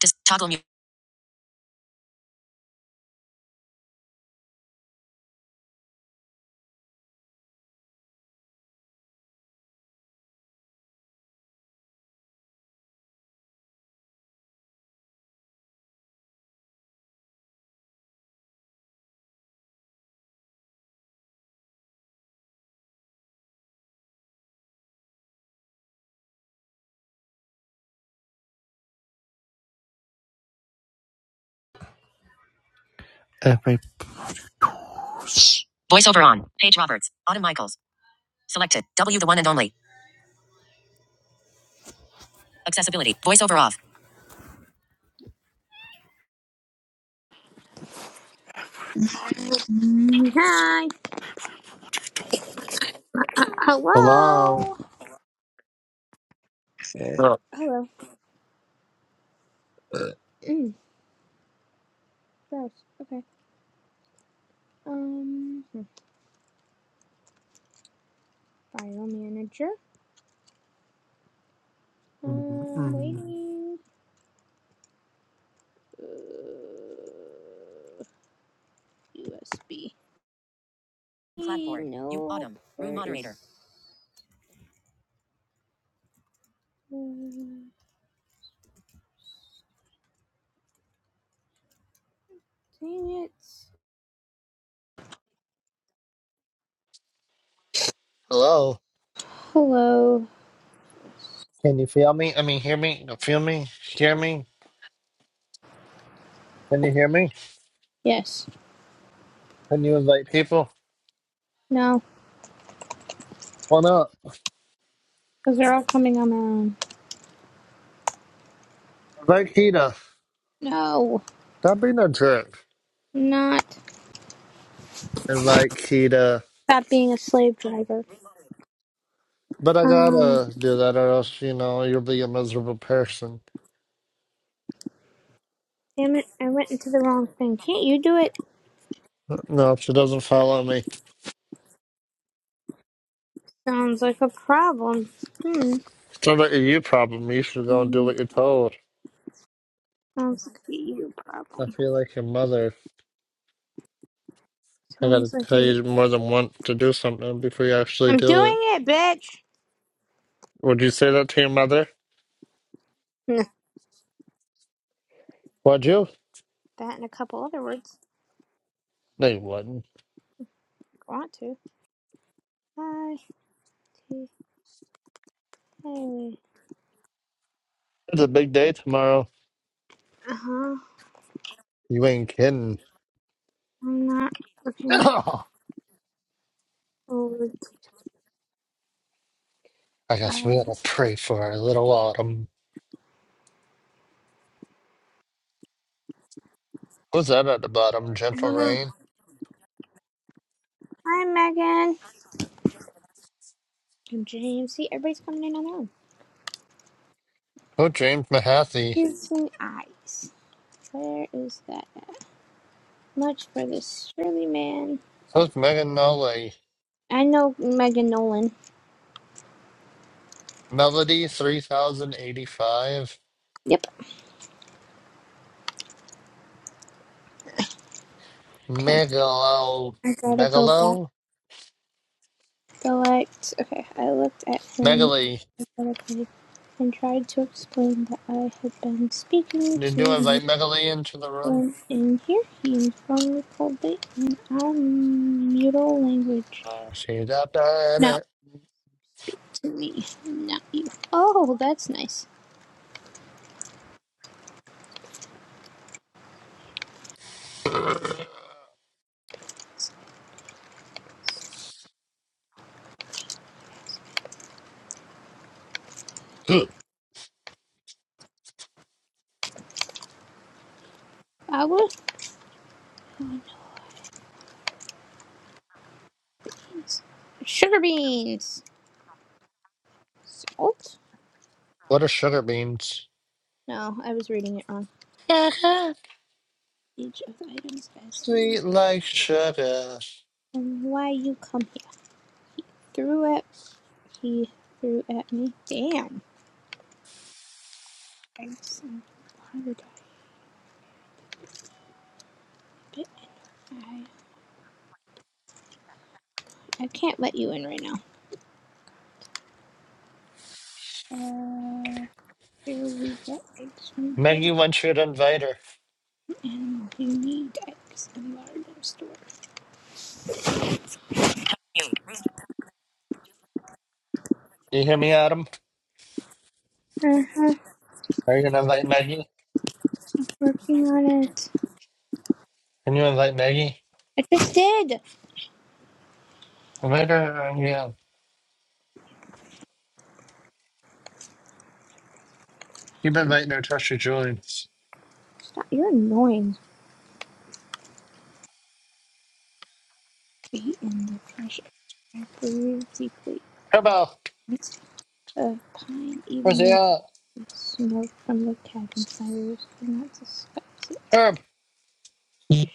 Just toggle mute. Every Voiceover on. Page Roberts. Autumn Michaels. Selected. W the one and only. Accessibility. Voiceover off. Mm, Hi. Uh, hello. hello. Eh, Uh, Hello. Mm, gross. Okay. Um, hmm, file manager. Um, mm-hmm. waiting. Uh, USB. Clapboard. No. Autumn. Room moderator. is- Mm, Dang it. Hello. Hello. Can you feel me? I mean, hear me? Feel me? Hear me? Can you hear me? Yes. Can you invite people? No. Why not? Because they're all coming on their own. Invite Kita. No. Don't be no jerk. Not Invite Kita. stop being a slave driver. But I Um. gotta do that, or else you know you'll be a miserable person. Damn it. I went into the wrong thing. Can't you do it? No, she doesn't follow me. Sounds like a problem. Hmm. It's not a you problem. You should go and do Hmm. what you're told. Sounds like a you I problem. feel like your mother. I gotta Sounds like tell a. you more than once to do something before you actually I'm do doing it. it, bitch! Would you say that to your mother? Would you? Nah, that and a couple other words No, you wouldn't. if you want to. I T A. It's a big day tomorrow. Uh huh. You ain't kidding. I'm not looking I forward to. guess we Uh, gotta pray for our little autumn. Who's that at the bottom? I don't Gentle know. Rain? Hi, Megan. I'm James. See, everybody's coming in on their own. Oh, James Mahaffey. Piercing eyes. Where is that? Much for this surly man. Who's Megan Nolley? I know Megan Nolan. Melody 3085. Yep. Okay. Megalo. I gotta go back. Megalo? Select. Okay, I looked at him Megaly. and tried to explain that I had been speaking Did to you no invite Megaly into the room? one in here. He informed me coldly in our mutual language. Uh, she's up there in Now speak to me, not you. Oh, that's nice. it. I was Sugar beans! Salt? what are sugar beans? No, I was reading it wrong. Sugar. Each of the items as he was. Sweet like sugar. and why you come here. Threw at he threw at me. Damn. Thanks. I I can't let you in right now. Uh, here we get eggs from Maggie bird wants you to invite her. and you need eggs in large store. Uh You hear me, Adam? huh. Are you gonna invite Maggie? Working on it. Can you invite Maggie? I just did. Invite her. uh, Yeah. Keep inviting her. Trust your Julians. Stop. You're annoying. Be in the pressure. I breathe deeply. Herbo, It's of pine, where's even he though at? the smoke from the cabin fires did not disguise Herb, it.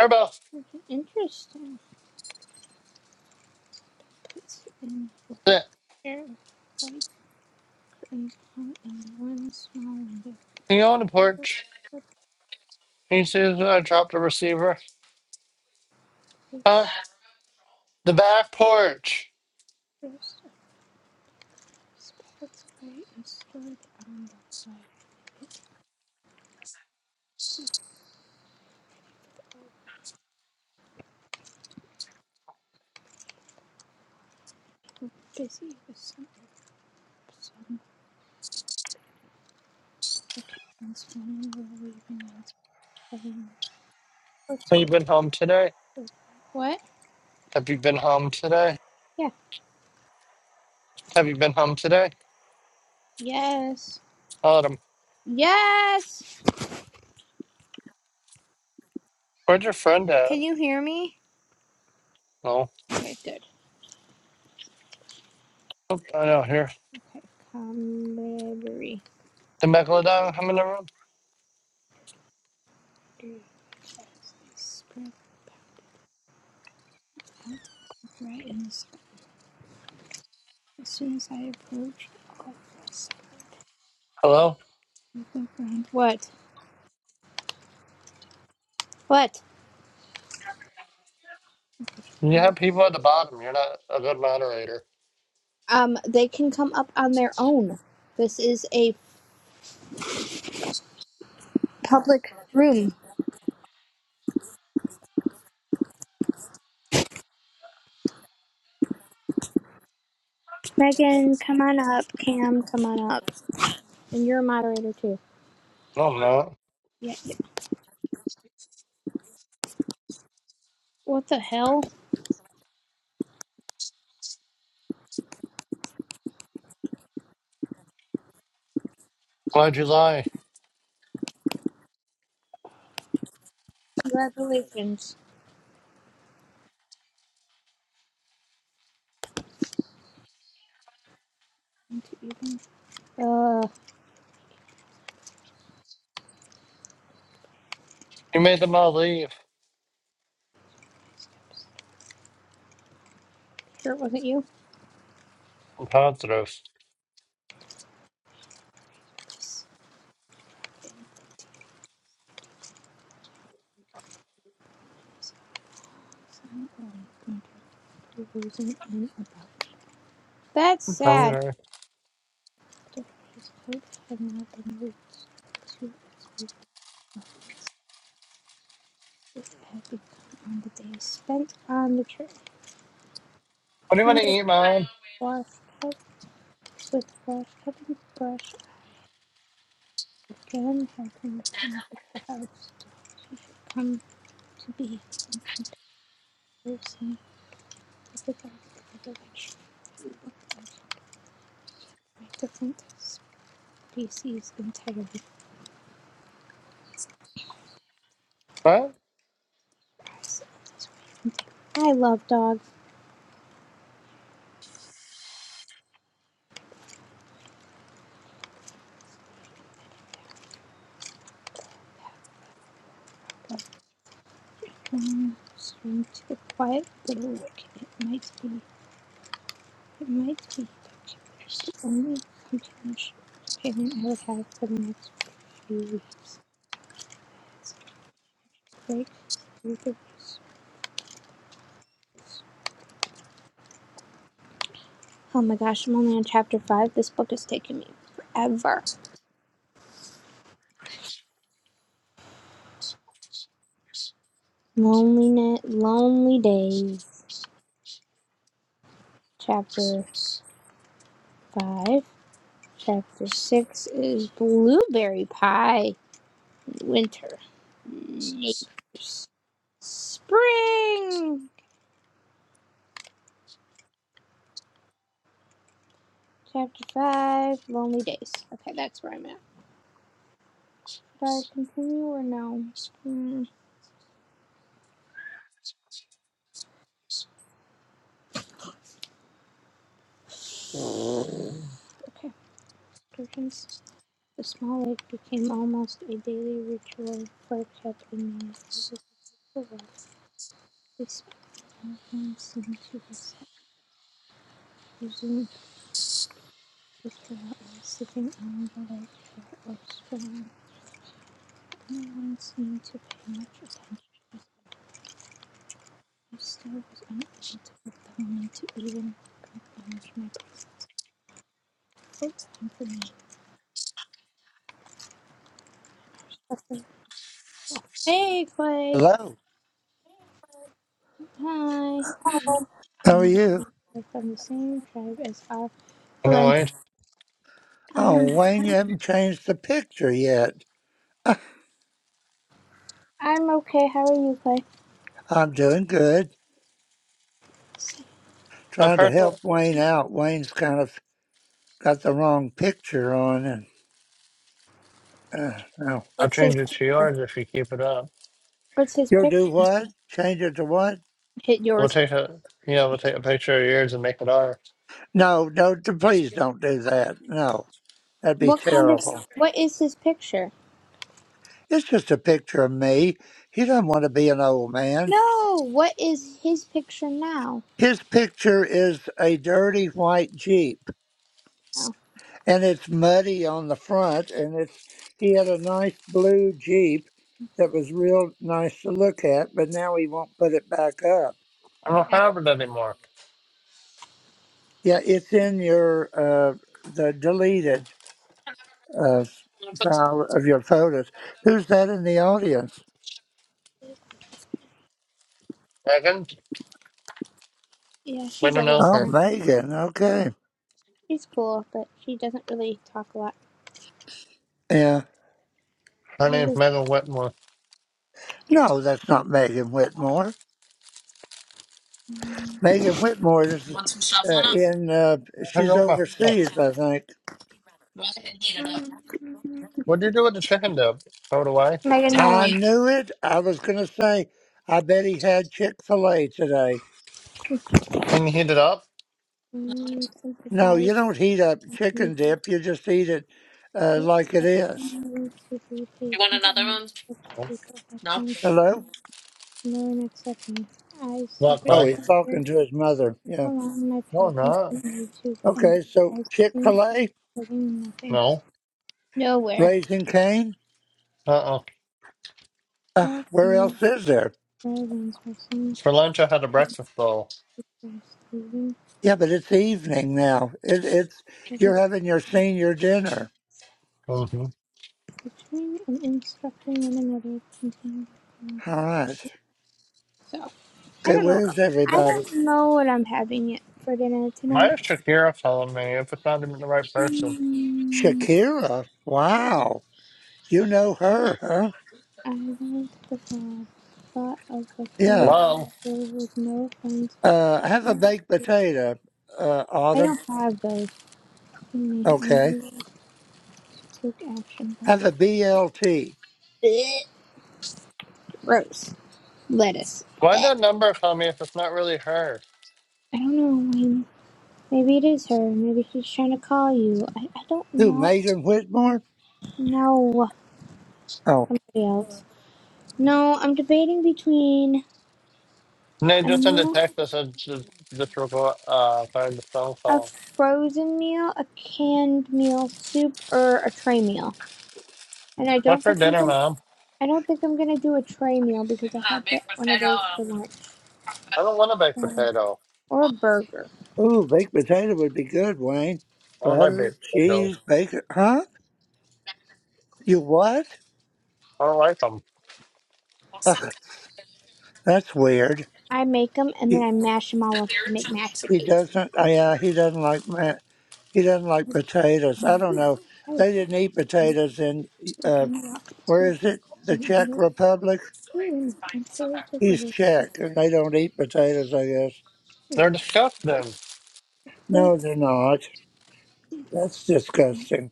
Herbo, Interesting. It's in black sit. hair, white and long, and one small window. Can you go on the The porch? Can you see if I dropped a receiver? Huh? face The back porch. first is packed away and stored on the right. It's a busy with some some occasions when we're leaving and so oh, Have you been home today? What? Have you been home today? Yeah. Have you been home today? Yes. Autumn, Yes. Where's your friend at? Can you hear me? No. Okay, good. Oh, I know, here. Okay, camaraderie. The Megalodon come in the room? As they spread I looked right in the sky. As soon as I approached, all of us Hello? started to look What? What? You have people at the bottom. You're not a good moderator. Um, they can come up on their own. This is a public room. Megan, come on up. Cam, come on up. And you're a moderator too. No, I'm not. Yeah. yeah. What the hell? Why'd you lie? Congratulations. Uh, You made them all leave. sure it wasn't you? I'm positive. That's sad. Hungry. It had the days spent on the trip What do you want to with eat, Mom? brush cut, with brush cutting brush again Having been come to the house. She should come to be in comparison with the dog in the direction a different species entirely. What? I love dogs, but when I'm to the quiet little work, it might be It might be the only compassion opinion I would have for the next few weeks. It's break Oh my gosh, I'm only on chapter five. This book has taken me forever. Loneliness, lonely days. Chapter five. Chapter six is blueberry pie. Winter. Nature's Spring. Chapter five. Lonely days. Okay, that's where I'm at. Should I continue or no? Mm, okay. Sturgeon's the small lake became almost a daily ritual for Captain Man. It was a beautiful walk. They spent seemed to be using the trail or sitting on the lake shore or strolling. No one seemed to pay much attention to us. I still was unable to get the woman to even acknowledge my presence. It's time for me. Hey, Clay! Hello. Hi! How are And you? are from the same tribe as our Olen. Annoyed. I'm Oh, Wayne, you haven't changed the picture yet. I'm okay. How are you, Clay? I'm doing good. I've Trying to heard that. help Wayne out. Wayne's kind of got the wrong picture on. And uh, no, I'll What's his change it to yours if you keep it up. What's his you'll picture? do what? Change it to what? Hit We'll yours. take a yeah, we'll take a picture of yours and make it ours. No, no, d- please don't do that. No, that'd be What kind of terrible. What is his picture? It's just a picture of me. He doesn't want to be an old man. No. What is his picture now? His picture is a dirty white jeep. Oh, and it's muddy on the front and it's he had a nice blue jeep that was real nice to look at but now he won't put it back up I don't nah. have it anymore. yeah it's in your uh the deleted uh file of your photos who's that in the audience Megan, yeah. we She's a don't know oh her. listener. megan okay She's cool, but she doesn't really talk a lot. yeah Her name's Lis- Megan Whitmore. no that's not megan whitmore megan whitmore is uh, in uh I hung she's up my phone. overseas i think What do you do with the chicken dip? Throw it away. Megan I Nolan. knew it. I was going to say, I bet he had Chick fil A today. Can you heat it up? Mm, No, you Sympathize don't heat up with chicken dip. You just eat it uh, like it is. patients and the people No. who have time to come. Hello? No one Moon me. I Not secretly Oh, Clay. he's wanted talking to his mother. how Yeah. long my No, patients not. on YouTube and Okay, I so Chick seem to fil be A, getting nothing. No. Nowhere. Raising Cane. Uh uh Uh, All where things else is there? relevant are some For lunch, I had a breakfast bowl. characters leaving Yeah, but it's evening now. It, it's the You're having your senior dinner. Mm-hmm. between and instructing one another containing All right. So I Okay, don't know. where's I everybody? don't know what I'm having yet for dinner Why tonight. is Shakira calling me if it's not even the right person? Hmm, Shakira. Wow. You know her, huh? I like the thought thought of the Yeah. coming Hello? over with no friends. Uh, have a I baked potato, uh, I Autumn. don't have those. Me, I need Okay. to take action. Like, Have a BLT. Blech. Gross. Lettuce. Why'd that number come if it's not really her? I don't know, Wayne. Maybe it is her. Maybe she's trying to call you. I, I don't Who, know. Megan Whitmore? No, Oh. somebody else. No, I'm debating between And they a just sent a meal, text that said just, just record, uh, fired the phone a call. frozen meal, a canned meal, soup, or a tray meal. And I What don't for think I'm dinner, gonna. mom? I don't think I'm gonna do a tray meal because I had the, one of those for lunch. I don't want a baked So- potato. or a burger. Ooh, baked potato would be good, Wayne. I don't like baked Butter, potatoes. cheese, bacon. Huh? You what? I don't like them. Ugh, that's weird. I make them and then He, I mash them all up to make mashed he potatoes. doesn't, uh, yeah, he doesn't like, ma- he doesn't like potatoes. I I passed don't know. They didn't eat potatoes in, uh, again walked where to is it? The when I Czech looked Republic? through and entered the He's village Czech, and they don't eat potatoes, I guess. bridge. They're disgusting. Over No, they're not. That's disgusting.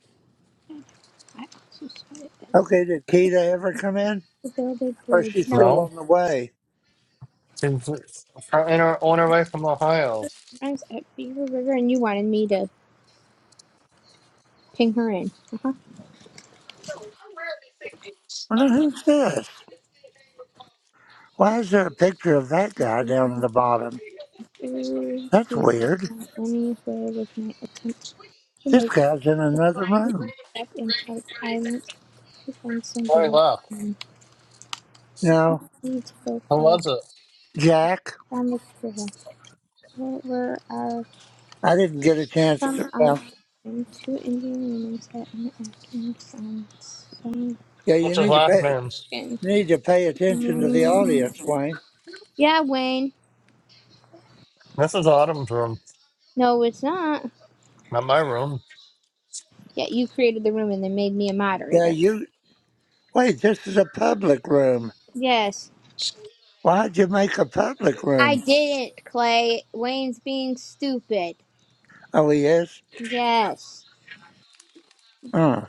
I also saw it as Okay, did Keita ever come in? the Velvet Or is Bridge. she Nope. still No. on the way? She's her inner, on her way from Ohio. I was at Beaver River and you wanted me to ping her in. Uh huh. Well, now Okay. who's this? Why is there a picture of that guy down in the bottom? To That's see what weird. anywhere with my attempt to This make guy's in another a room. step in Harp Island to find some Why village. left? men. We No, need to go Who far was it? Jack, down the trail. What were our I didn't get a chance Some to. are Well, Cuban, two Indian women set an acting song. song- yeah, you What's his need to last pay, name? need to pay attention to the Mm. audience, Wayne. Yeah, Wayne. This is Autumn's room, No, it's not. not my room. Yeah, you created the room and then made me a Yeah, moderator. you wait. This is a public room. Yes. Why'd you make a public I room? didn't, Clay. Wayne's being stupid. Oh, he is. Yes. Uh,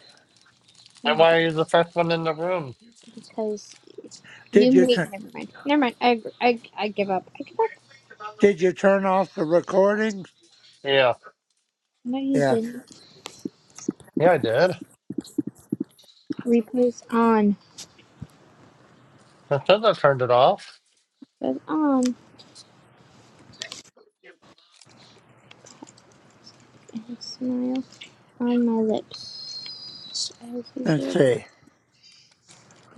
Then why are you the first one in the room? Because you did you made. turn? Never mind. Never mind. I, I, I give up. I give up. Did you turn off the recordings? Yeah. No, you Yeah. didn't. Yeah, I did. Replace on. I said I turned it off. It Says on. And a smile on my lips. As usual. Let's see.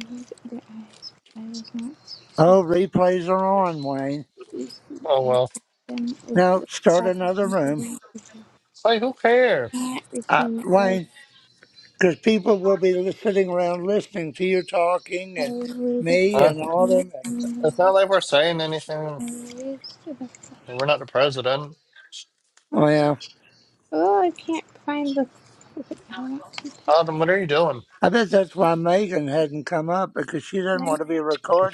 covered their eyes, but I was not to Oh, replays are on, Wayne. pleased. them. Oh, I well. took them with Now the start fat another and room, green Like, who cares? I did not uh, return as Wayne, because people will be li- sitting around listening to you talking I and waited me for I and them Autumn. And, and their It's I not like we're saying anything. and to the flesh. and We're not the president. oh, What? yeah. Oh, I can't find the. Okay, I want to pick Adam, what are you doing? I bet that's why Megan hadn't come up because she didn't right want to be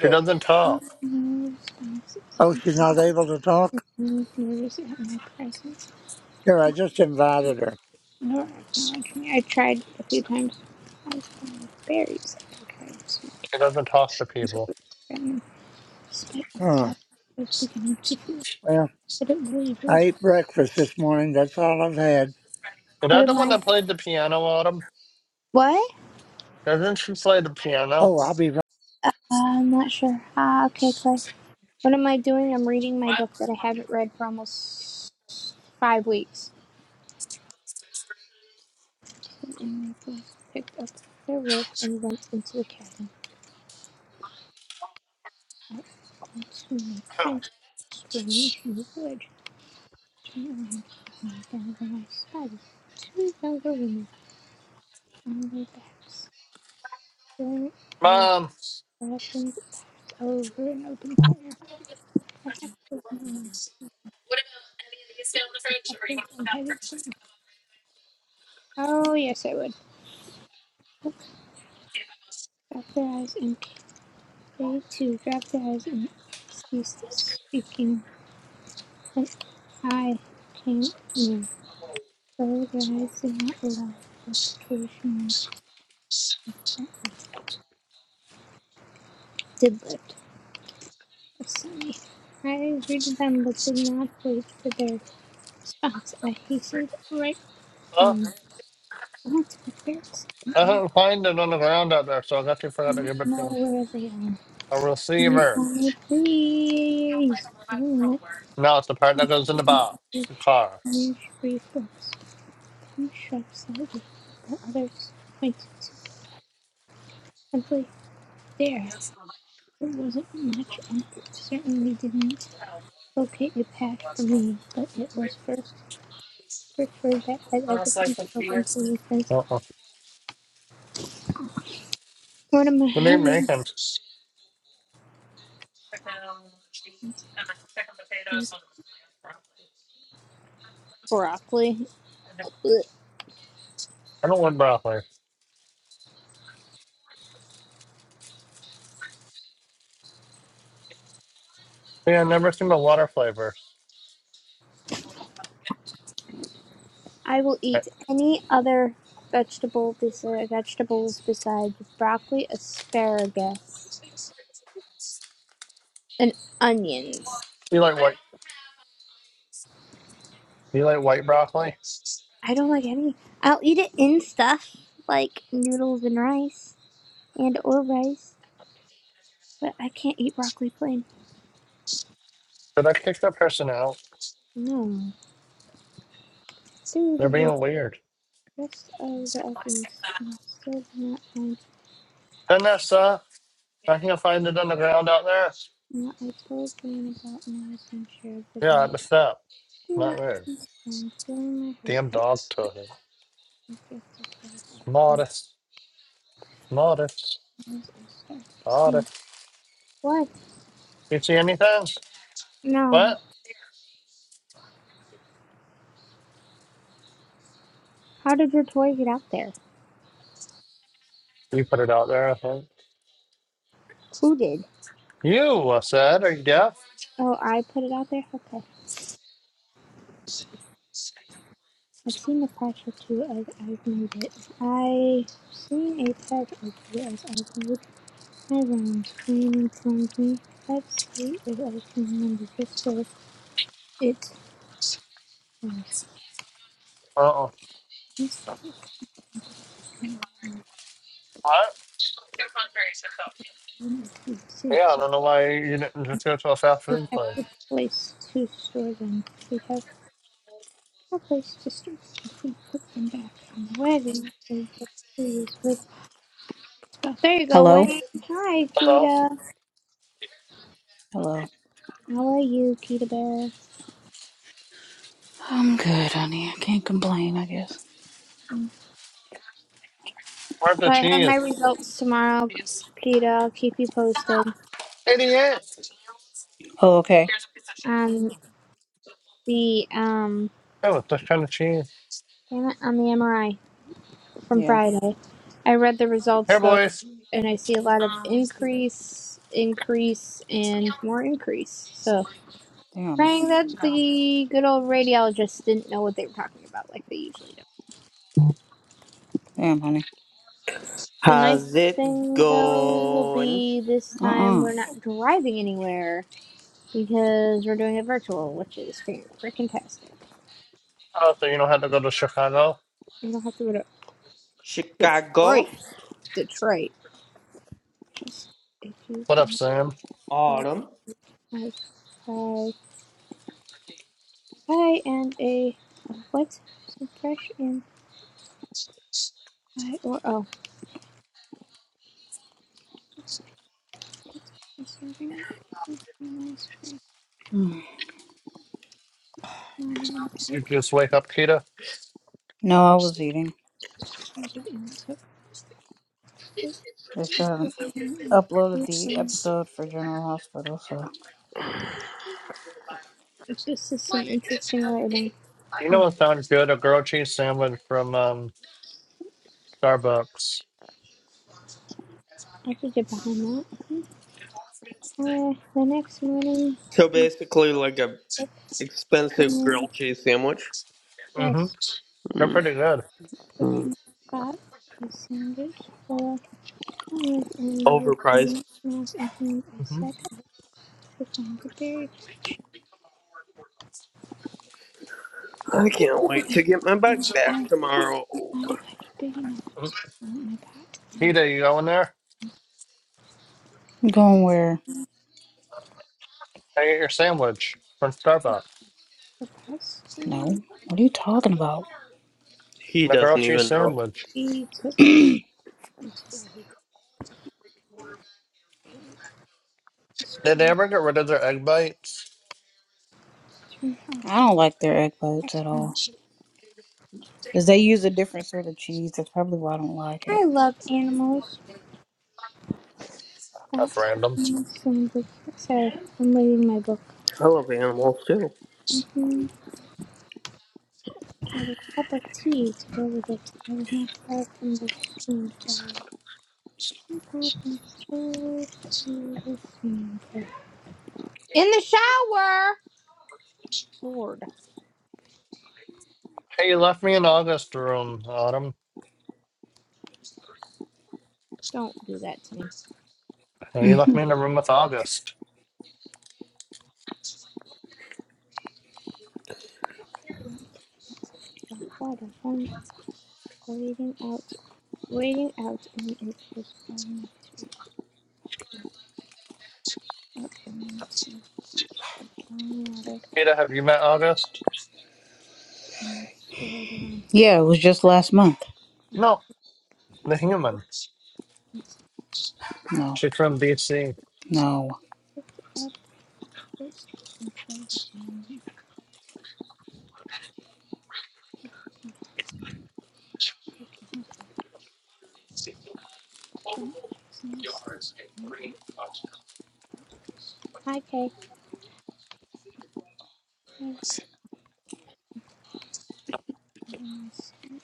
She doesn't talk. no response. Oh, They she's not able to talk? continued nervous at my presence, Here, I just invited her. nor acknowledged me. I tried a few times. I was fine with berries. I tried smoking. She doesn't talk to people. State of Huh. Colorado is beginning to feel Well, that it I wavered. ate breakfast this morning. That's all I've had. Is What that the am one I? that played the piano, Autumn? What? Doesn't she play the piano? Oh, I'll be right Uh, I'm not sure. Ah, okay, Clay. What am I doing? I'm reading my book that I haven't read for almost five weeks. The inmates picked up their work and went into the cabin. I want to make friends. Strange new village. Turn around and down when I spotted two younger women on their backs, wearing a Mom, blackened over an open fire. Perhaps with my acceptance and hesitant. Oh, yes, I would. Drop their eyes, and they too dropped their eyes and ceased speaking. When I came near, though their eyes did not allow the occasion to did lift a sunny. I greeted them, but did not wait for their response. I hastened right oh, on. Not to my parents, and I I do didn't find it on the ground out there, so I guess you forgot to not give it know to where they are. a If receiver. I please. Oh, let No, it's the part that goes in the box, me the car. use free flips. Few shrubs slightly that others pointed to. Simply there. There wasn't much, and it certainly didn't locate a path for me, but it was first first word that had ever been spoken to me since Uh-uh. Mortimer What are you Heaven. making? Broccoli. Ugh. I don't want broccoli. Yeah, I've never seen the water flavor. I will Hey, eat any other vegetable besi- vegetables besides broccoli, asparagus. and onions. You like white? You like white broccoli? I don't like any. I'll eat it in stuff like noodles and rice and or rice, but I can't eat broccoli plain. But I kicked that person out. No, through They're the being weird. rest of the evidence, and still did not find Doesn't that Vanessa, I can not find it on the ground out there. what I told Wayne about my adventure of the Yeah, day. at the step. He Not looked weird. concerned, feeling my hurt Damn at dog took it. the gift of Modest. Modest. as I started to smile. Modest. What? You see anything? No. What? How did your toy get out there? You put it out there, I think. Who did? You, I said. Are you deaf? Oh, I put it out there? Okay. I've seen a patch or two as I've made it. I've seen a patch or two as I've made my rounds playing in me. Let's see if I can remember just where it was. Uh-uh. This What? is a Yeah, I don't place. know why you didn't just go to a fast We food have place. a place to store them. We have a place to store them. If we put them back on the wagon, with stuff. There you go, Hello? Wayne. Hi, Hello? Kita. Hello. How are you, Kita Bear? I'm good, honey. I can't complain, I guess. Where's the So I have my cheese? results tomorrow, Peter. I'll keep you posted Idiot! Oh, okay. on the um Oh, it's this kind of cheese. damn it, on the MRI from Yeah. Friday. I read the results Here, though, boys. and I see a lot of increase, increase, and more increase. So Damn. praying that the good old radiologists didn't know what they were talking about like they usually do. Damn, honey. The nice How's it thing though will going? be this time Uh-uh. we're not driving anywhere because we're doing it virtual, which is freaking fantastic. Oh, so you don't have to go to Chicago? You don't have to go to Chicago Detroit. Detroit. Just a G What for up, Sam? Minnesota. autumn. Nice. Hi. Hi, and a a what? So fresh and high or oh. A serving of a nice fresh Mm. morning and You cook just wake up, Kita. No, I was eating. market in took break They still haven't and uploaded food the episode for General Hospital, so. This is some interesting writing. You Hmm. know what sounds good? A grilled cheese sandwich from um, Starbucks. I could get behind that. Mhm. Uh, the next morning, So I basically, like a kept expensive in grilled cheese sandwich. Mm-hmm. yes, They're Mhm. pretty good. cooking pot a sandwich for Like and you would Overpriced. and things I set Mm-hmm. out to find the berry I can't wait to get my and bike back I found tomorrow. found a patch big enough to plant my pot and Kita, you going in there Going where? and get your sandwich from Starbucks. the No. What are you talking about? He The doesn't grilled cheese even know. sandwich. be quickly into the lake. The Did squirrel they ever get rid of their egg bites? turned I off and don't like their egg back bites at on. all. Because they use a different sort of cheese. That's probably why I don't like I it. love animals. That's That's random. the same book. Sorry, I'm reading my book. I love animals too. Mm-hmm. I had a cup of tea to go with it. I was not far from the swing tower. I was told to the swing tower. In the shower. Lord, Hey, you left me in August room, Autumn. don't do that to me. Hey, you left hmm me in the room with August. Water on waiting out, waiting out, and it was falling to up and into fine water Kita, have you met August? and swirled around his Yeah, it was just last month. No, the human. hands. No. She's from DC. No. He Picked up first and played the game. He was open, and looking his phone. Seeing still and out. Hi, Kay. Mm. And I stood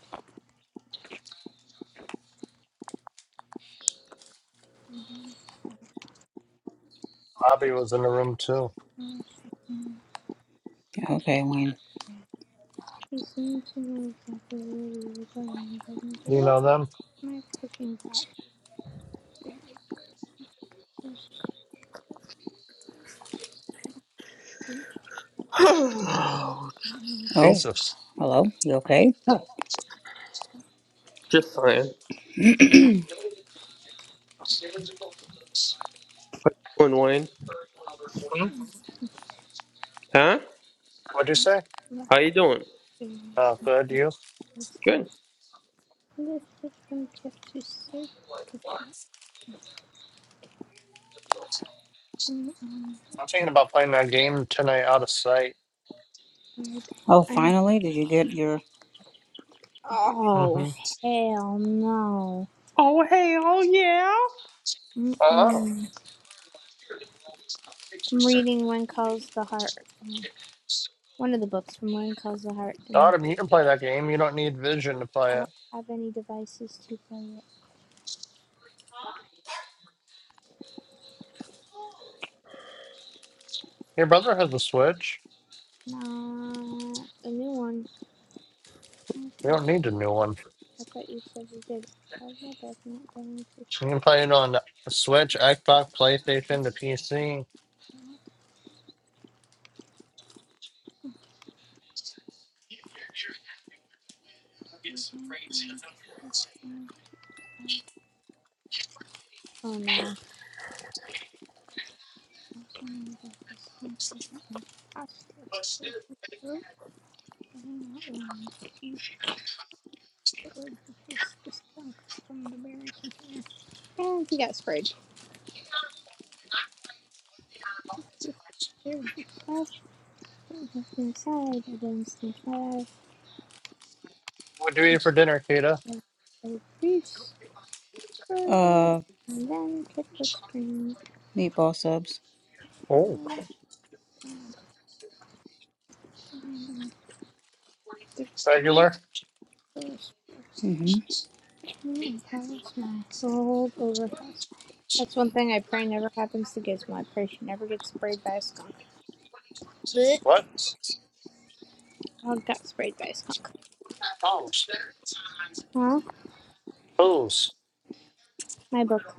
around Bobby was in the room too. the house. Okay, Wayne. He seemed to know exactly where we were going. and You know them? My cooking blackberries. There's region Oh. Jesus. Hello? You okay? Just saying. How you Doing Wayne? Huh? What'd you say? blackberries How you doing? Oh, and good. You? it's Good. a lifted from Pepsi syrup. The passing on I'm thinking about playing that game tonight out of sight. third Oh, and finally, did you get your Oh Mm-hmm. hell no. Oh hey, oh yeah. Oh. Mm-mm. I'm reading One Calls the Heart. No. One of the books from One Calls the Heart and Autumn, you can play that game. You don't need vision to I play it. don't have any devices to play it. Your brother has a Switch. Nah the new one. You Okay. don't need a new one. I thought you said you did. How's my bag not getting too So You can play it on the Switch, Xbox, PlayStation, the PC. down Oh no. also made of this unpleasant imposter for the throat setting out warnings she suffered the face to shrunk from the berry container. And he got sprayed. If there would be flash inside against the instant fire, What do you eat this for dinner, Kita? was a priest for the man, uh and then kicked the screen. meatball subs? Oh. and all kinds of Regular? hmm Mm, Power smell. Rolled overcast. That's one thing I pray never happens to Gizmo. I pray she never gets sprayed by a skunk. Blech. What? Well, got sprayed by a skunk. Poos. Huh? Poos. my book.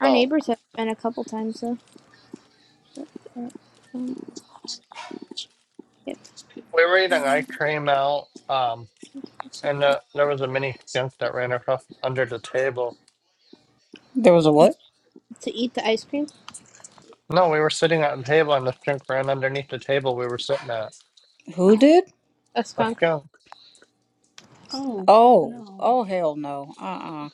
Our Oh. neighbors have been a couple times though. uh, um, yep. We were eating Mm, ice cream out, um, and uh, there was a mini skunk that ran across under the table. There was a To eat, what? to eat the ice cream. No, we were sitting at a table, and the drink ran underneath the table we were sitting at. Who Oh, did? a Let's skunk. go. Oh, Oh, no. oh hell no. Uh-uh.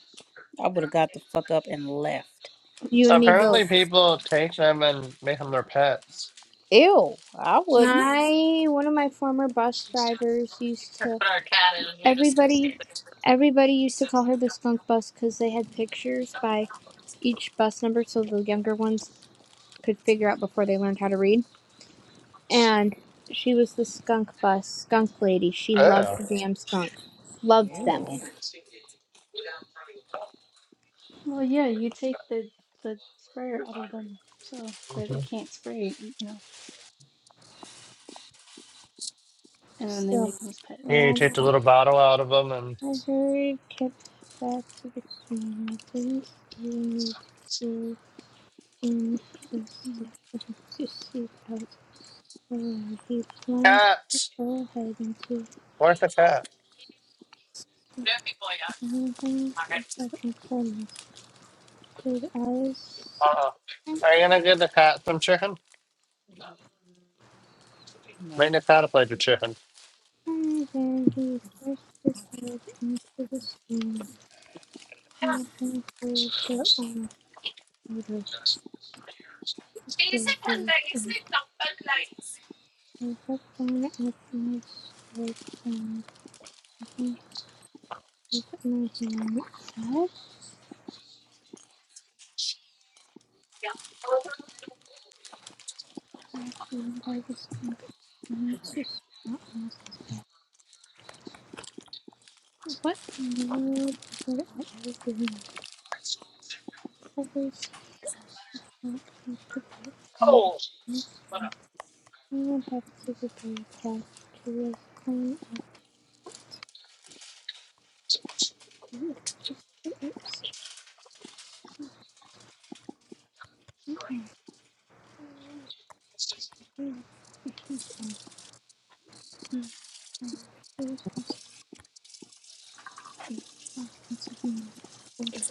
I would have got the fuck up and left. You and me Apparently, both. people take them and make them their pets. Ew, I wouldn't. My one of my former bus drivers used to. Everybody, everybody used to call her the skunk bus because they had pictures by each bus number, so the younger ones could figure out before they learned how to read. And she was the skunk bus, skunk lady. She loved Yeah. the damn skunks, loved them. Ew, Well, yeah, you take the the sprayer out of them so that they hmm can't spray, you know, and then they Still, make them as Yeah, pets. you take um, the little bottle out of them and I heard kept back to the scene. I didn't see me to go in this hmm to see out. So He plunged cats. full head into Where's the cat? Anything of importance. His eyes Uh-uh. Are you gonna give the cat some chicken? Make no. the cat a plate of chicken. and then he thrust his head into the stream. Nothing could but on water flavor. And I looked down at my strike and I with my hand. What? Nothing by the smoke seemed to smell almost as bad. What in the world were I ever doing? Every smoke I could get from the next one. Anyone participating in the curious clean up the register upset and curious issues and curious considering for the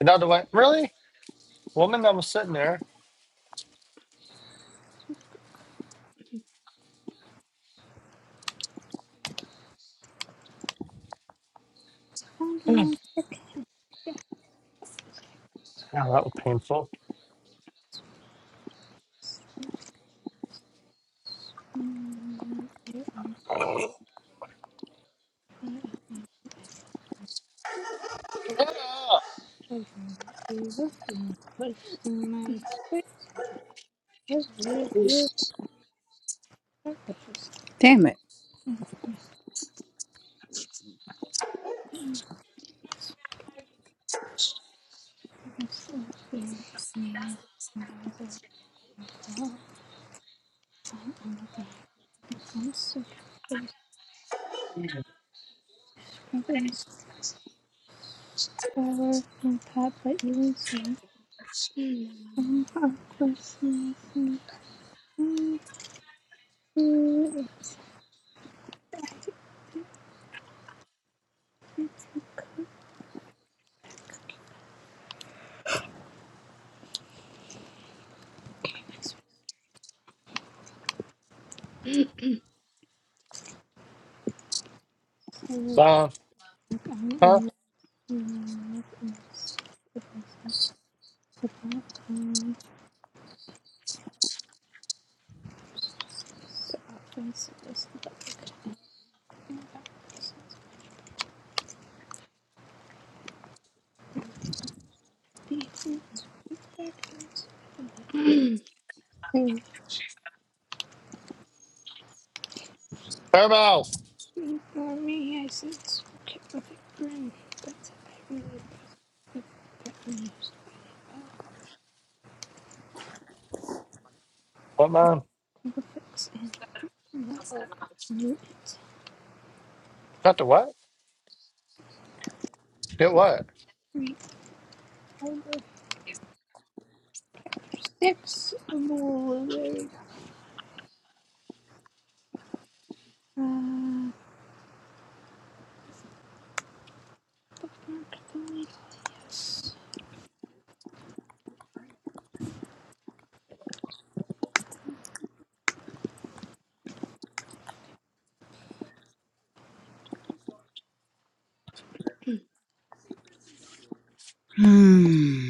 Another way. Really? Woman that was sitting there. found ones that can Oh, that was painful. be and Ah! program to look and posting my script of real real purposes. Damn it. I still feel some of the help on the bad ones. So, those discrepancies. Flower and cat, but you and so. Some aquas and some food. I think it's so. So, Like, I huh? am love in this person. The black comes. The office is the back. And that person's beating. It's back into the thing. Turbo. Three For me, I sense. Okay, perfect grin. That's it. I really love. it. Perfect, means. What man? Perfect And Three, Got the what? Get what? five, six blueberry. Uh, bookmark delete. Yes. Hmm.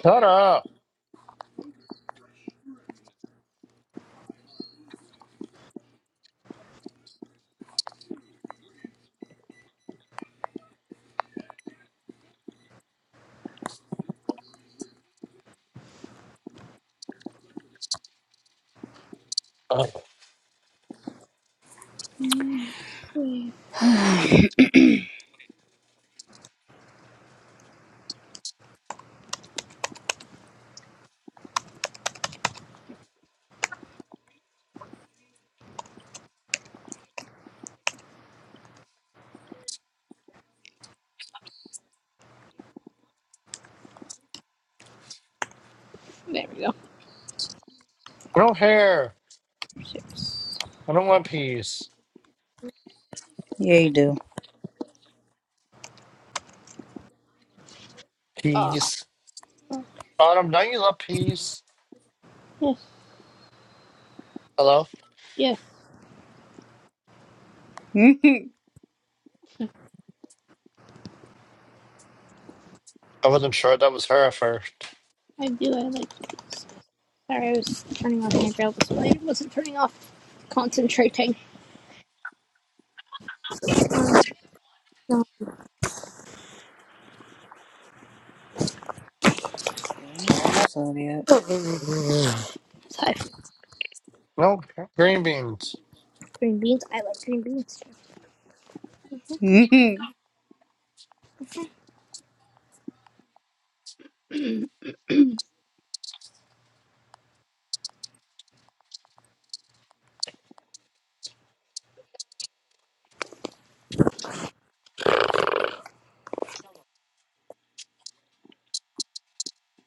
Shut up. Ugh. Mm, three. There we go. I don't care. Six. I don't want peas. yeah, you do. Ah. Peas. Oh, Autumn, don't you love peas? yes. Hello? Yes. Mhm. I wasn't sure that was her at first. I do. I like these. Sorry, I was turning off my braille display. It wasn't turning off. Concentrating. Um, no, Still no episode yet. it's No, green beans. green beans. I like green beans. Mhm.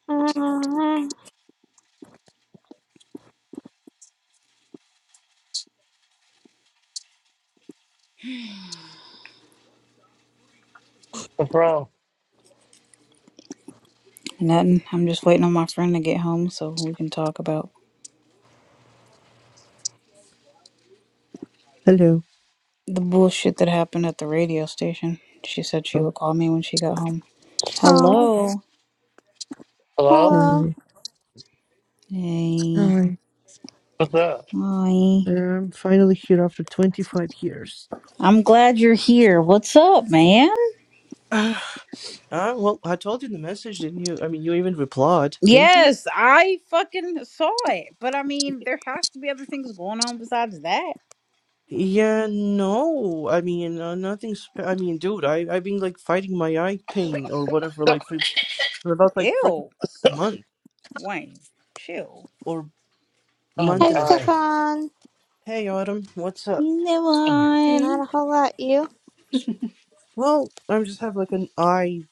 Uh, What's wrong? Nothing. I'm just waiting on my friend to get home so we can talk about Hello. the bullshit that happened at the radio station. She said she Oh, would call me when she got home. oh, Hello. Hello? hello. hi. Hey. Hi. What's up? Hi. I'm finally here after 25 years. I'm glad you're here. What's up, man? Ah, ah, well, I told you in the message, didn't you? I mean, you even replied, didn't you? Yes, I fucking saw it. But I mean, there has to be other things going on besides that. Yeah, no. I mean, uh, nothing. Spe- I mean, dude, I I've been like fighting my eye pain or whatever, like for, for about like freaking Ew. a month Wayne, chill. or Oh, my month Hi, and a half. eye. Stefan. Hey, Autumn, what's up? Never Not on. a whole lot. You? Well, I just have like an eye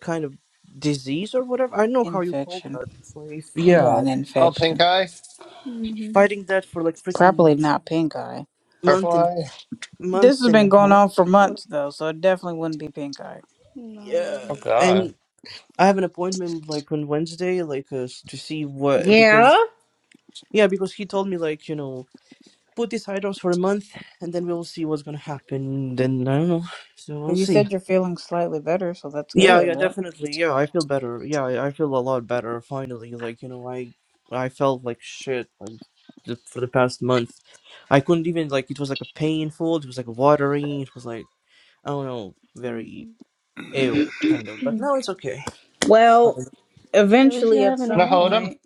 kind of disease or whatever. I don't know how you call Infection. that. It's like, He yeah. got an Oh, pink infection. eye? fighting that for like freaking Probably not pink eye. month Purple and eye? month This has and been a going half. on for What? months, though, so it definitely wouldn't be pink eye. No, it Yeah, wouldn't Oh, be. God. and I have an appointment like on Wednesday, like uh, s- to see what Yeah? because yeah, because he told me like you know put these items for a month and then we'll see what's gonna happen. Then I don't know, so we'll You see. said you're feeling slightly better, so that's Yeah, good, yeah, right? definitely. Yeah, I feel better. Yeah, I I feel a lot better finally. Like you know, I I felt like shit like the, for the past month. I couldn't even like it was like a painful. It was like watery. It was like I don't know, very Mhm. ill, kind of. But now it's okay. Well, Fine. At least you eventually, have at an Can I some hold appointment. him? point,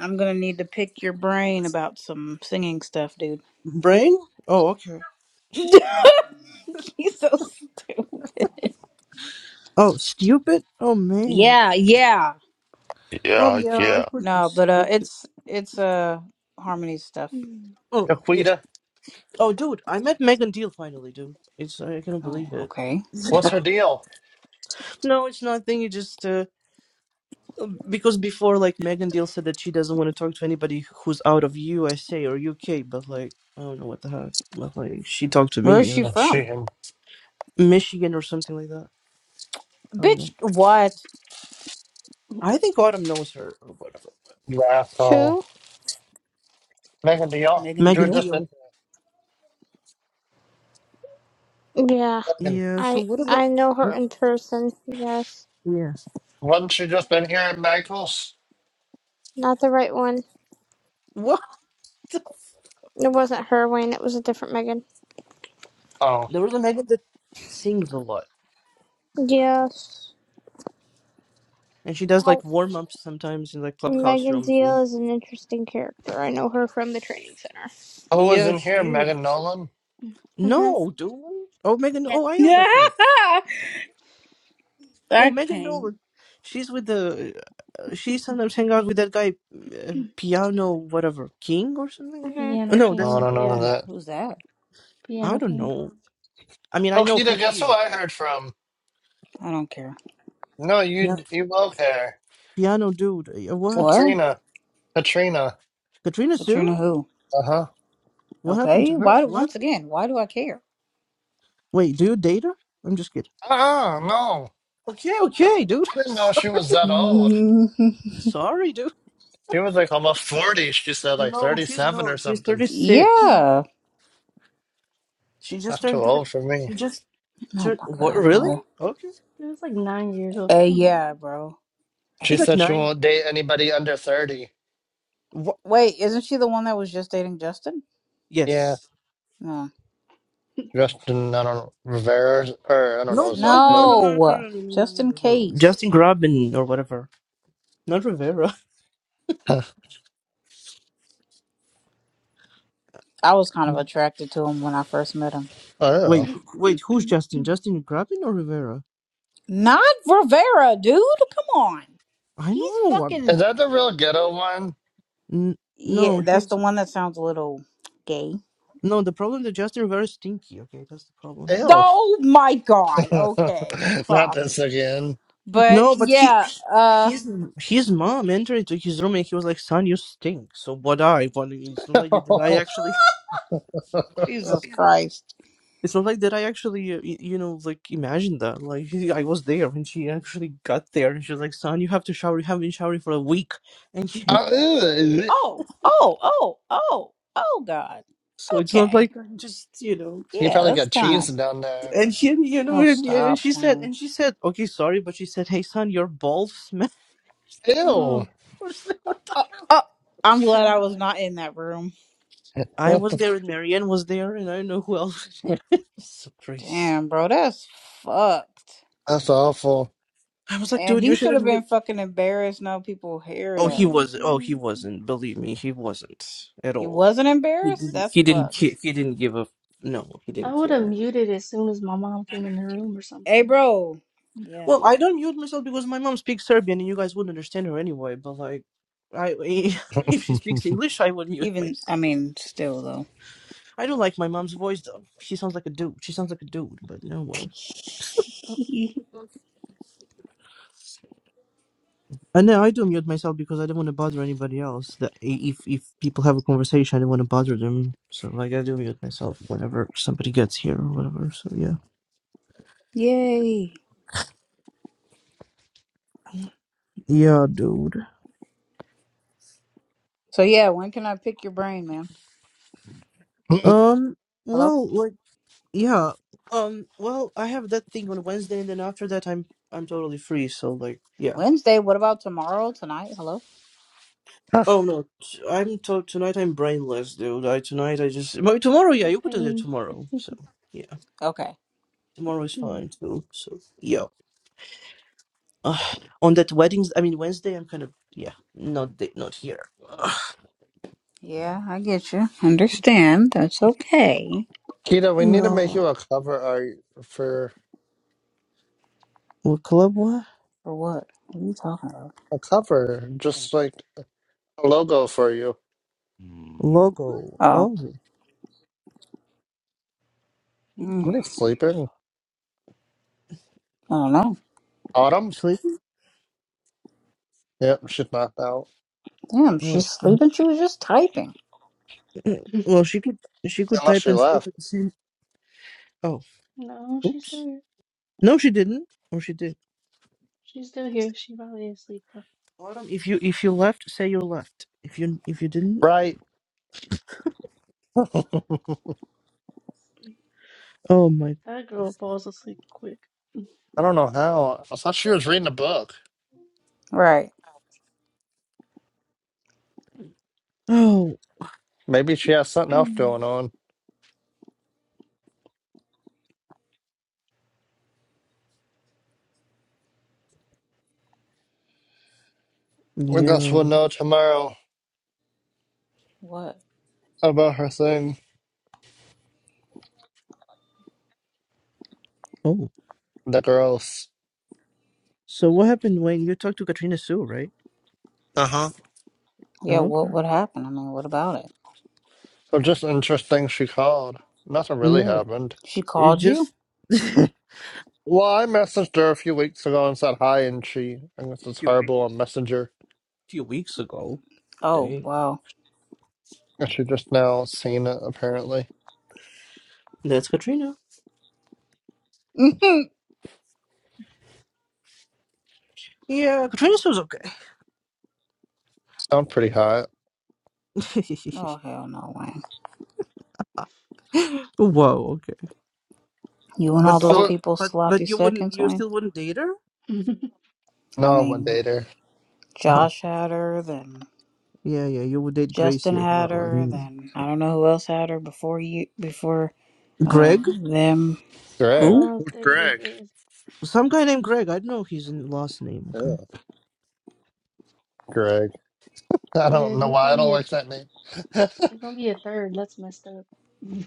I'm gonna need to pick your brain about some singing stuff, dude. Brain? Oh, okay. He's so stupid. Oh, stupid? Oh, man. Yeah, yeah. Well, Yeah, yeah, I yeah. could be No, but uh, stupid. it's it's uh harmony stuff. Mm. Oh, yeah. Jaquita, Oh, dude, I met Megan Deal finally, dude. It's, I cannot Oh, believe it. okay. what's her deal? no, it's nothing. You just, uh, um, because before, like, Megan Deal said that she doesn't want to talk to anybody who's out of USA or UK, but, like, I don't know what the heck. But, like, she talked to Where is me, uh, she Oh, from? shooting. Michigan or something like that. I don't Bitch, know. what? I think Autumn knows her or whatever. You asshole. Make a deal. Megan She Megan was Deal. just in Deal. here. Yeah, Megan. Yeah. So I what about? I know her Oops, in person. Yes, Yeah. Wasn't she just in here at Michael's? not one. What? Megan. Oh. There was a Megan that sings a lot, Yes, and she does I, like warm ups sometimes in like clubhouse Megan rooms. Zeal and- is an interesting character. I know her from the training center. Who was Yeah, in she here? Megan is. Nolan? Mhm. No, dude. Oh, Megan. Yeah. Oh, I know that one. I Oh, Megan can't. Nolan. She's with the. Uh, she sometimes hang out with that guy, uh, piano whatever King or something. Mhm. Oh, Piano no, Oh, that's. I King, don't know yeah, that. Who's that? I Piano don't King. know. I mean, I know who Okita, he guess who is. I heard from? I don't care. No, Yeah, you you love her. piano dude. Uh, What? What? Katrina. Katrina. Katrina Sue? Katrina who? Uh-huh. What happened to Okay. her? Why? What? Once again, why do I care? Wait, do you date her? I'm just kidding. Ah, no. Okay, okay, dude. I didn't know she was that old. Sorry, dude. She was like almost 40. She said like No, she's 37 or not. She's something. 36. yeah. She just That's too turned. 30 old for me. She just Oh turned. my What? god. Really? Well, Okay. It was like nine years old. hey, Come on yeah, now. bro. She She's like said she nine. won't date anybody under 30. What? Wait, isn't she the one that was just dating Justin? Yeah. Yes. No. Justin, I don't know, Rivera, or I don't No, know his no, last no, no, name. no, no, No. no, no, no, no, Just in no. no, no. Justin case. Grabin or whatever. Not Rivera. I I was kind of attracted to him when I first met him. don't know. Wait, wait. Who's Justin? Justin Grabin or Rivera? Not Rivera, dude. Come on. I He's know. I'm, Is fucking. that the real ghetto one? n- no, Yeah, that's the he's one that sounds a little gay. no. The problem that Justin Rivera is stinky. Okay, that's the problem. Ew. Oh my god. Okay. Not Fuck. this again. But No, but he, yeah, uh, his his mom entered into his room and he was like, "Son, you stink." So what I want, it's not like that I actually, Jesus Christ. it's not like that I actually, uh, y- you know, like imagined that. Like he- I was there when she actually got there and she was like, "Son, you have to shower. You haven't been showering for a week." And he, Oh. ew. Oh, oh, oh, oh, oh god. so it's not Okay. like I'm just, you know. He Yeah, probably that's got kind of cheese down there. And she, you know, Oh, and, yeah, and stop she said, playing. and she said, "Okay, sorry," but she said, "Hey, son, your balls smell." Ew. Oh Oh, oh, I'm glad I was God. not in that room. I was That's there and Marianne was there and I don't know who else. was there. so crazy. Damn, bro, that's fucked. awful. I was like, And dude, you he should should have have been mute. fucking embarrassed. Now people hear Oh, he that. was. Oh, he Mm, wasn't. Believe me, he wasn't at He all. wasn't He embarrassed? didn't. That's He didn't. fucked. Ki- he didn't give a. No, he I didn't would have care. muted as soon as my mom came in the room or Hey, something. bro. Yeah. Well, I don't mute myself because my mom speaks Serbian, and you guys wouldn't understand her anyway. But like, I if she speaks English, I would mute Even, myself. I mean, still, though. I don't like my mom's voice though. She sounds like a dude. She sounds like a dude. But no, well. Oh, And then I do mute myself because I don't want to bother anybody else. That if if people have a conversation, I don't want to bother them. So like I do mute myself whenever somebody gets here or whatever. So yeah, Yay. yeah, dude. So, yeah, when can I pick your brain, man? Um, Hello? well, like yeah, um, well, I have that thing on Wednesday, and then after that, I'm I'm totally free. So like yeah. Wednesday? What about tomorrow? Tonight? Hello? Oh no, t- I'm to- tonight. I'm brainless, dude. I tonight I just my, tomorrow. Yeah, the you could do it pain. tomorrow. So yeah, Okay. tomorrow is fine too. So yeah. Ugh. on that weddings i mean wednesday i'm kind of yeah not the, not here Ugh. Yeah, I get you. Understand. That's okay. Kita, we need to make no you a cover art for what club what For what? What are you talking about? a cover, just like a logo for you. logo Oh, oh mm, Somebody's sleeping. I don't know. Autumn? sleep Yep, she's knocked out. Damn, oh. she's sleeping. She was just typing. well she could she could Unless type she and sleep left. at the same oh No, she's still oops here. no she didn't or she did She's still here. She probably asleep though. autumn if you if you left say you left if you if you didn't Right. I oh my That girl falls asleep quick. don't know how. I thought she was reading a book. Right. oh Maybe she has something else going on. I guess we'll yeah know tomorrow What? about her thing. oh The girls. so what happened when you talked to katrina sue right Uh huh. Yeah, oh what okay. what happened? I mean, what about it? So just interesting she called. Nothing really no happened. She it's called you? just Well, I messaged her a few weeks ago and said hi, and she, I guess it's few weeks horrible on Messenger. few weeks ago Oh, wow. And she just now seen it, apparently. That's Katrina. oh Yeah, Katrina was Sound pretty hot. okay. hell no, Wayne. Wow, okay. You and But all I those would, still, people but but sloppy you wouldn't, seconds, you Wayne. still wouldn't date her. No, no, I I wouldn't mean, date her. Oh, Josh had her, then yeah, yeah. You would date Gracie Justin as had well. I her, think. then I don't know who else had her before you before uh Greg, them. Greg. Who? if Who's they, if, Greg? if, some guy named Greg. I don't know his last name. Okay, Yeah, Greg. I yeah, don't if know you're why gonna I don't be a, if like that name. I you're gonna be a third, that's messed up.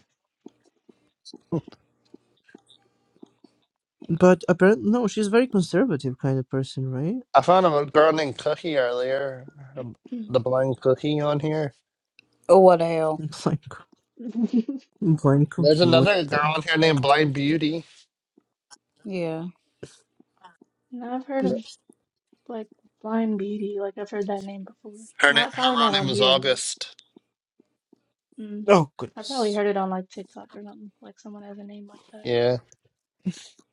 but apparently, no, she's a very conservative kind of person, right? found a girl named Cookie earlier, um, the blind Cookie on here. Oh, what the hell? like blind There's cookie. What another girl on the? here named Blind Beauty. Yeah. Now I've heard of like Blind Beauty, like I've heard that name before. Her, na- Not probably her not real on name is here, August. Mm, Oh I probably goodness. heard it on like TikTok or something. Like someone has a name like that. Yeah.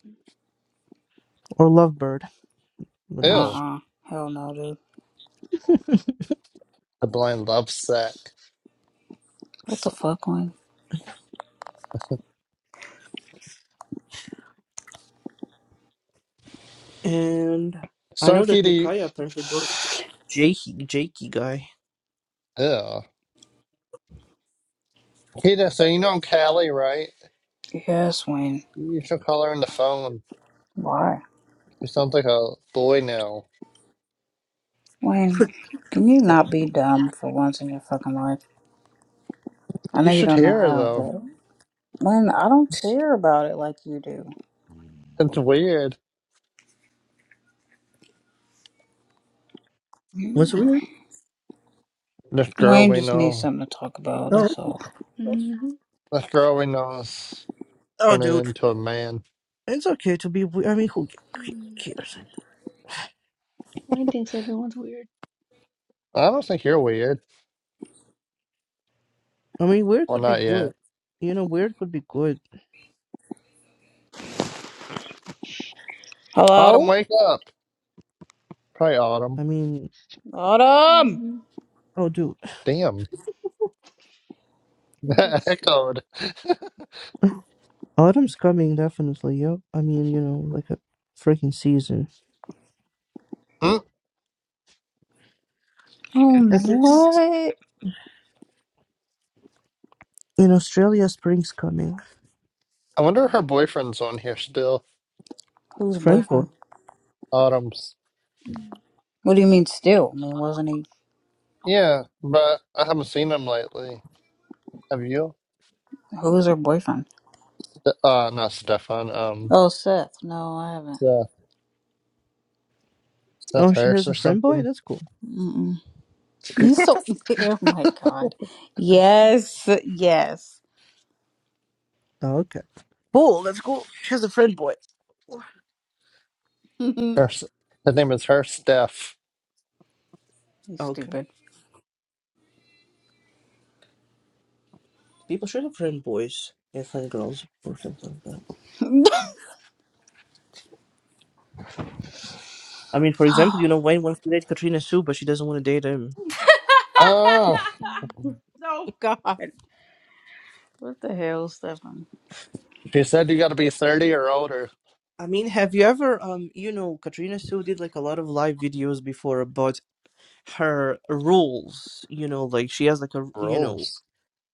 Mm, Or lovebird. Uh Ew. Goodness. uh Hell no, dude. The blind love Lovesick. What the So- fuck, Wayne? And I So, know that Kitty, Mikaya apparently broke up with Jakey, Jakey guy. yeah. Kitty, so you know Callie, right? Yes, Wayne. You should call her on the phone. Why? She sounds like a boy now. Wayne, can you not be dumb for once in your fucking life? I You know you should don't know hear her, how, though. but Nope. Wayne, I don't care about it like you do. It's weird. What's Mm. weird? This girl Wayne we just needs know, something to talk about, Oh, that's all. Mm-hmm. this girl we know is oh, turning dude, into a man. it's okay to be weird. I mean, who c- Mm. cares? Wayne thinks everyone's weird. I don't think you're weird. I mean, weird Well, could be not good. yet. You know, weird could be good. Autumn, Hello? wake up. Probably Autumn. I mean, Autumn! Mm-hmm. oh, dude, Damn. That Goodness. Echoed. autumn's coming definitely. Yo, I mean, you know, like a freaking season. Hmm, Um, I think Mm, s- what? in Australia, spring's coming. I wonder if her boyfriend's on here still. Who's Friend boy. boyfriend? Autumn's. mm, What do you mean still? I mean, wasn't he? Yeah, but I haven't seen him lately. Have you? Who's her boyfriend? Uh, not Stefan. Um, Oh, Seth. No, I haven't. Seth, Oh, Seth she has Hurst or a friend boy. something. That's cool. Mm-mm. You so. Oh my god. mm, Yes, yes. Oh, okay. Cool. That's cool. She has a friend boy. Oh, you Hurst. His name is Hurst Steph. Okay. stupid. People should have friend boys and friend girls or something. I mean, for example, you know, Wayne wants to date Katrina Sue, but she doesn't want to date him. Oh, mm. Oh God, what the hell, Stefan? she said you got to be thirty or older. I mean, have you ever, um, you know, Katrina Sue did like a lot of live videos before about her rules. You know, like she has like a, you know, Rules.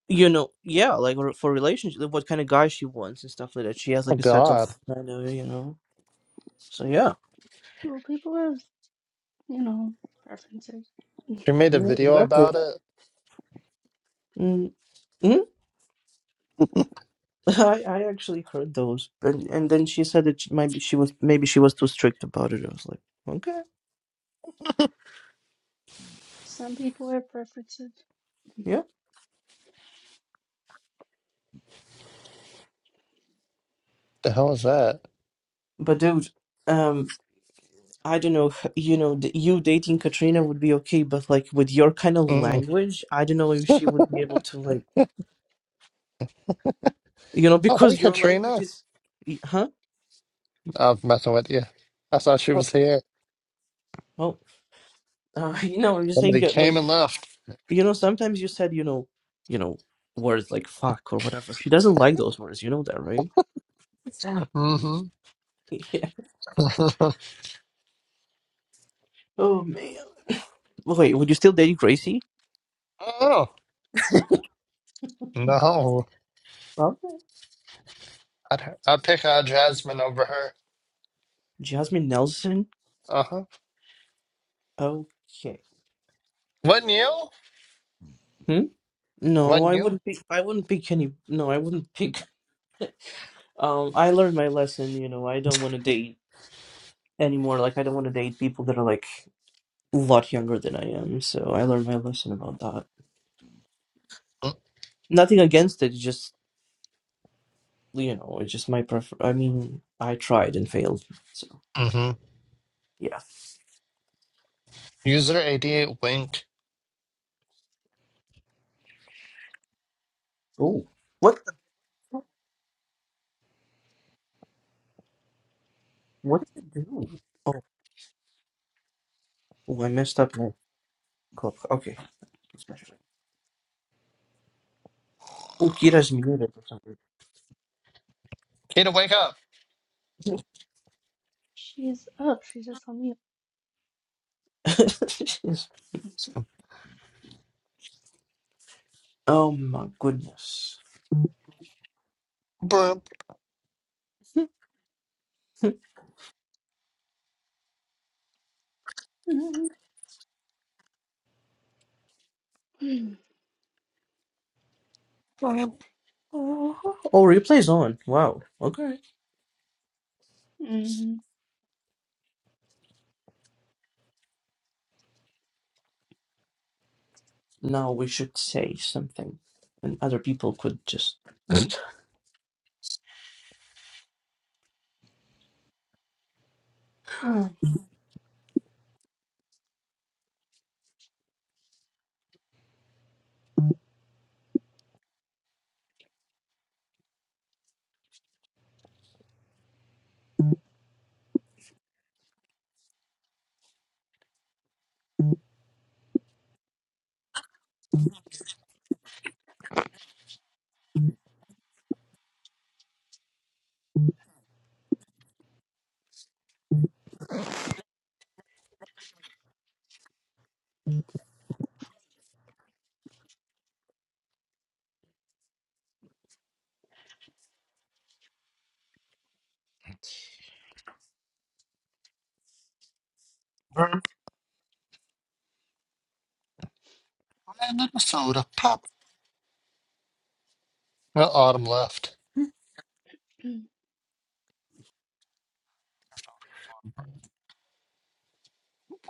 you know, yeah, like re- for relationship, like, what kind of guy she wants and stuff like that. She has Oh like a set of, God. I know, you know. So yeah, Well, people have, you know, preferences. Mm. She made a yeah video exactly. about it. Mm, mm I I actually heard those, and and then she said that she, maybe she was maybe she was too strict about it. I was like, okay, Some people have preferences. yeah, The hell is that? but dude. Um, I don't know, you know, d- you dating Katrina would be okay, but like with your kind of Mm-mm. language, I don't know if she would be able to like, you know, Oh, hey because your language Katrina. is, y- huh? I was messing with you. I thought she Oh, was here. oh, uh, you know, you're saying Somebody that, like, came and left. you know, sometimes you said, you know, you know, words like fuck or whatever. She doesn't like those words. You know that, right? hmm Yeah. Oh man. Wait, would you still date Gracie? oh no. Okay. I'd I'd pick uh, Jasmine over her. Jasmine Nelson. Uh huh. Okay. Wouldn't you? Hmm? No, Wouldn't I you? wouldn't pick. I wouldn't pick any. No, I wouldn't pick. Um, I learned my lesson, you know, I don't want to date anymore. Like, I don't want to date people that are like a lot younger than I am. So I learned my lesson about that. Nothing against it, just, you know, it's just my prefer. I mean, I tried and failed. So, Mm-hmm. yeah. User 88 Wink. Oh, what the fuck? What did I do? Oh, oh, I messed up my club. Okay. Let's back it Oh, Kira's muted for some Kita, wake up. She's up. She's just on mute. reason. oh my goodness. Brimp, Mm. Oh, replay's on. Wow. Okay. Mm-hmm. now we should say something and other people could just brimp. I need a soda pop. Uh, Autumn left. Mm.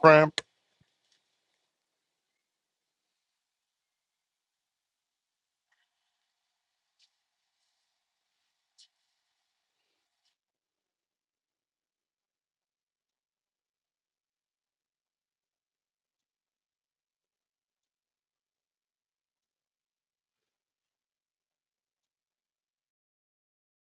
Brimp.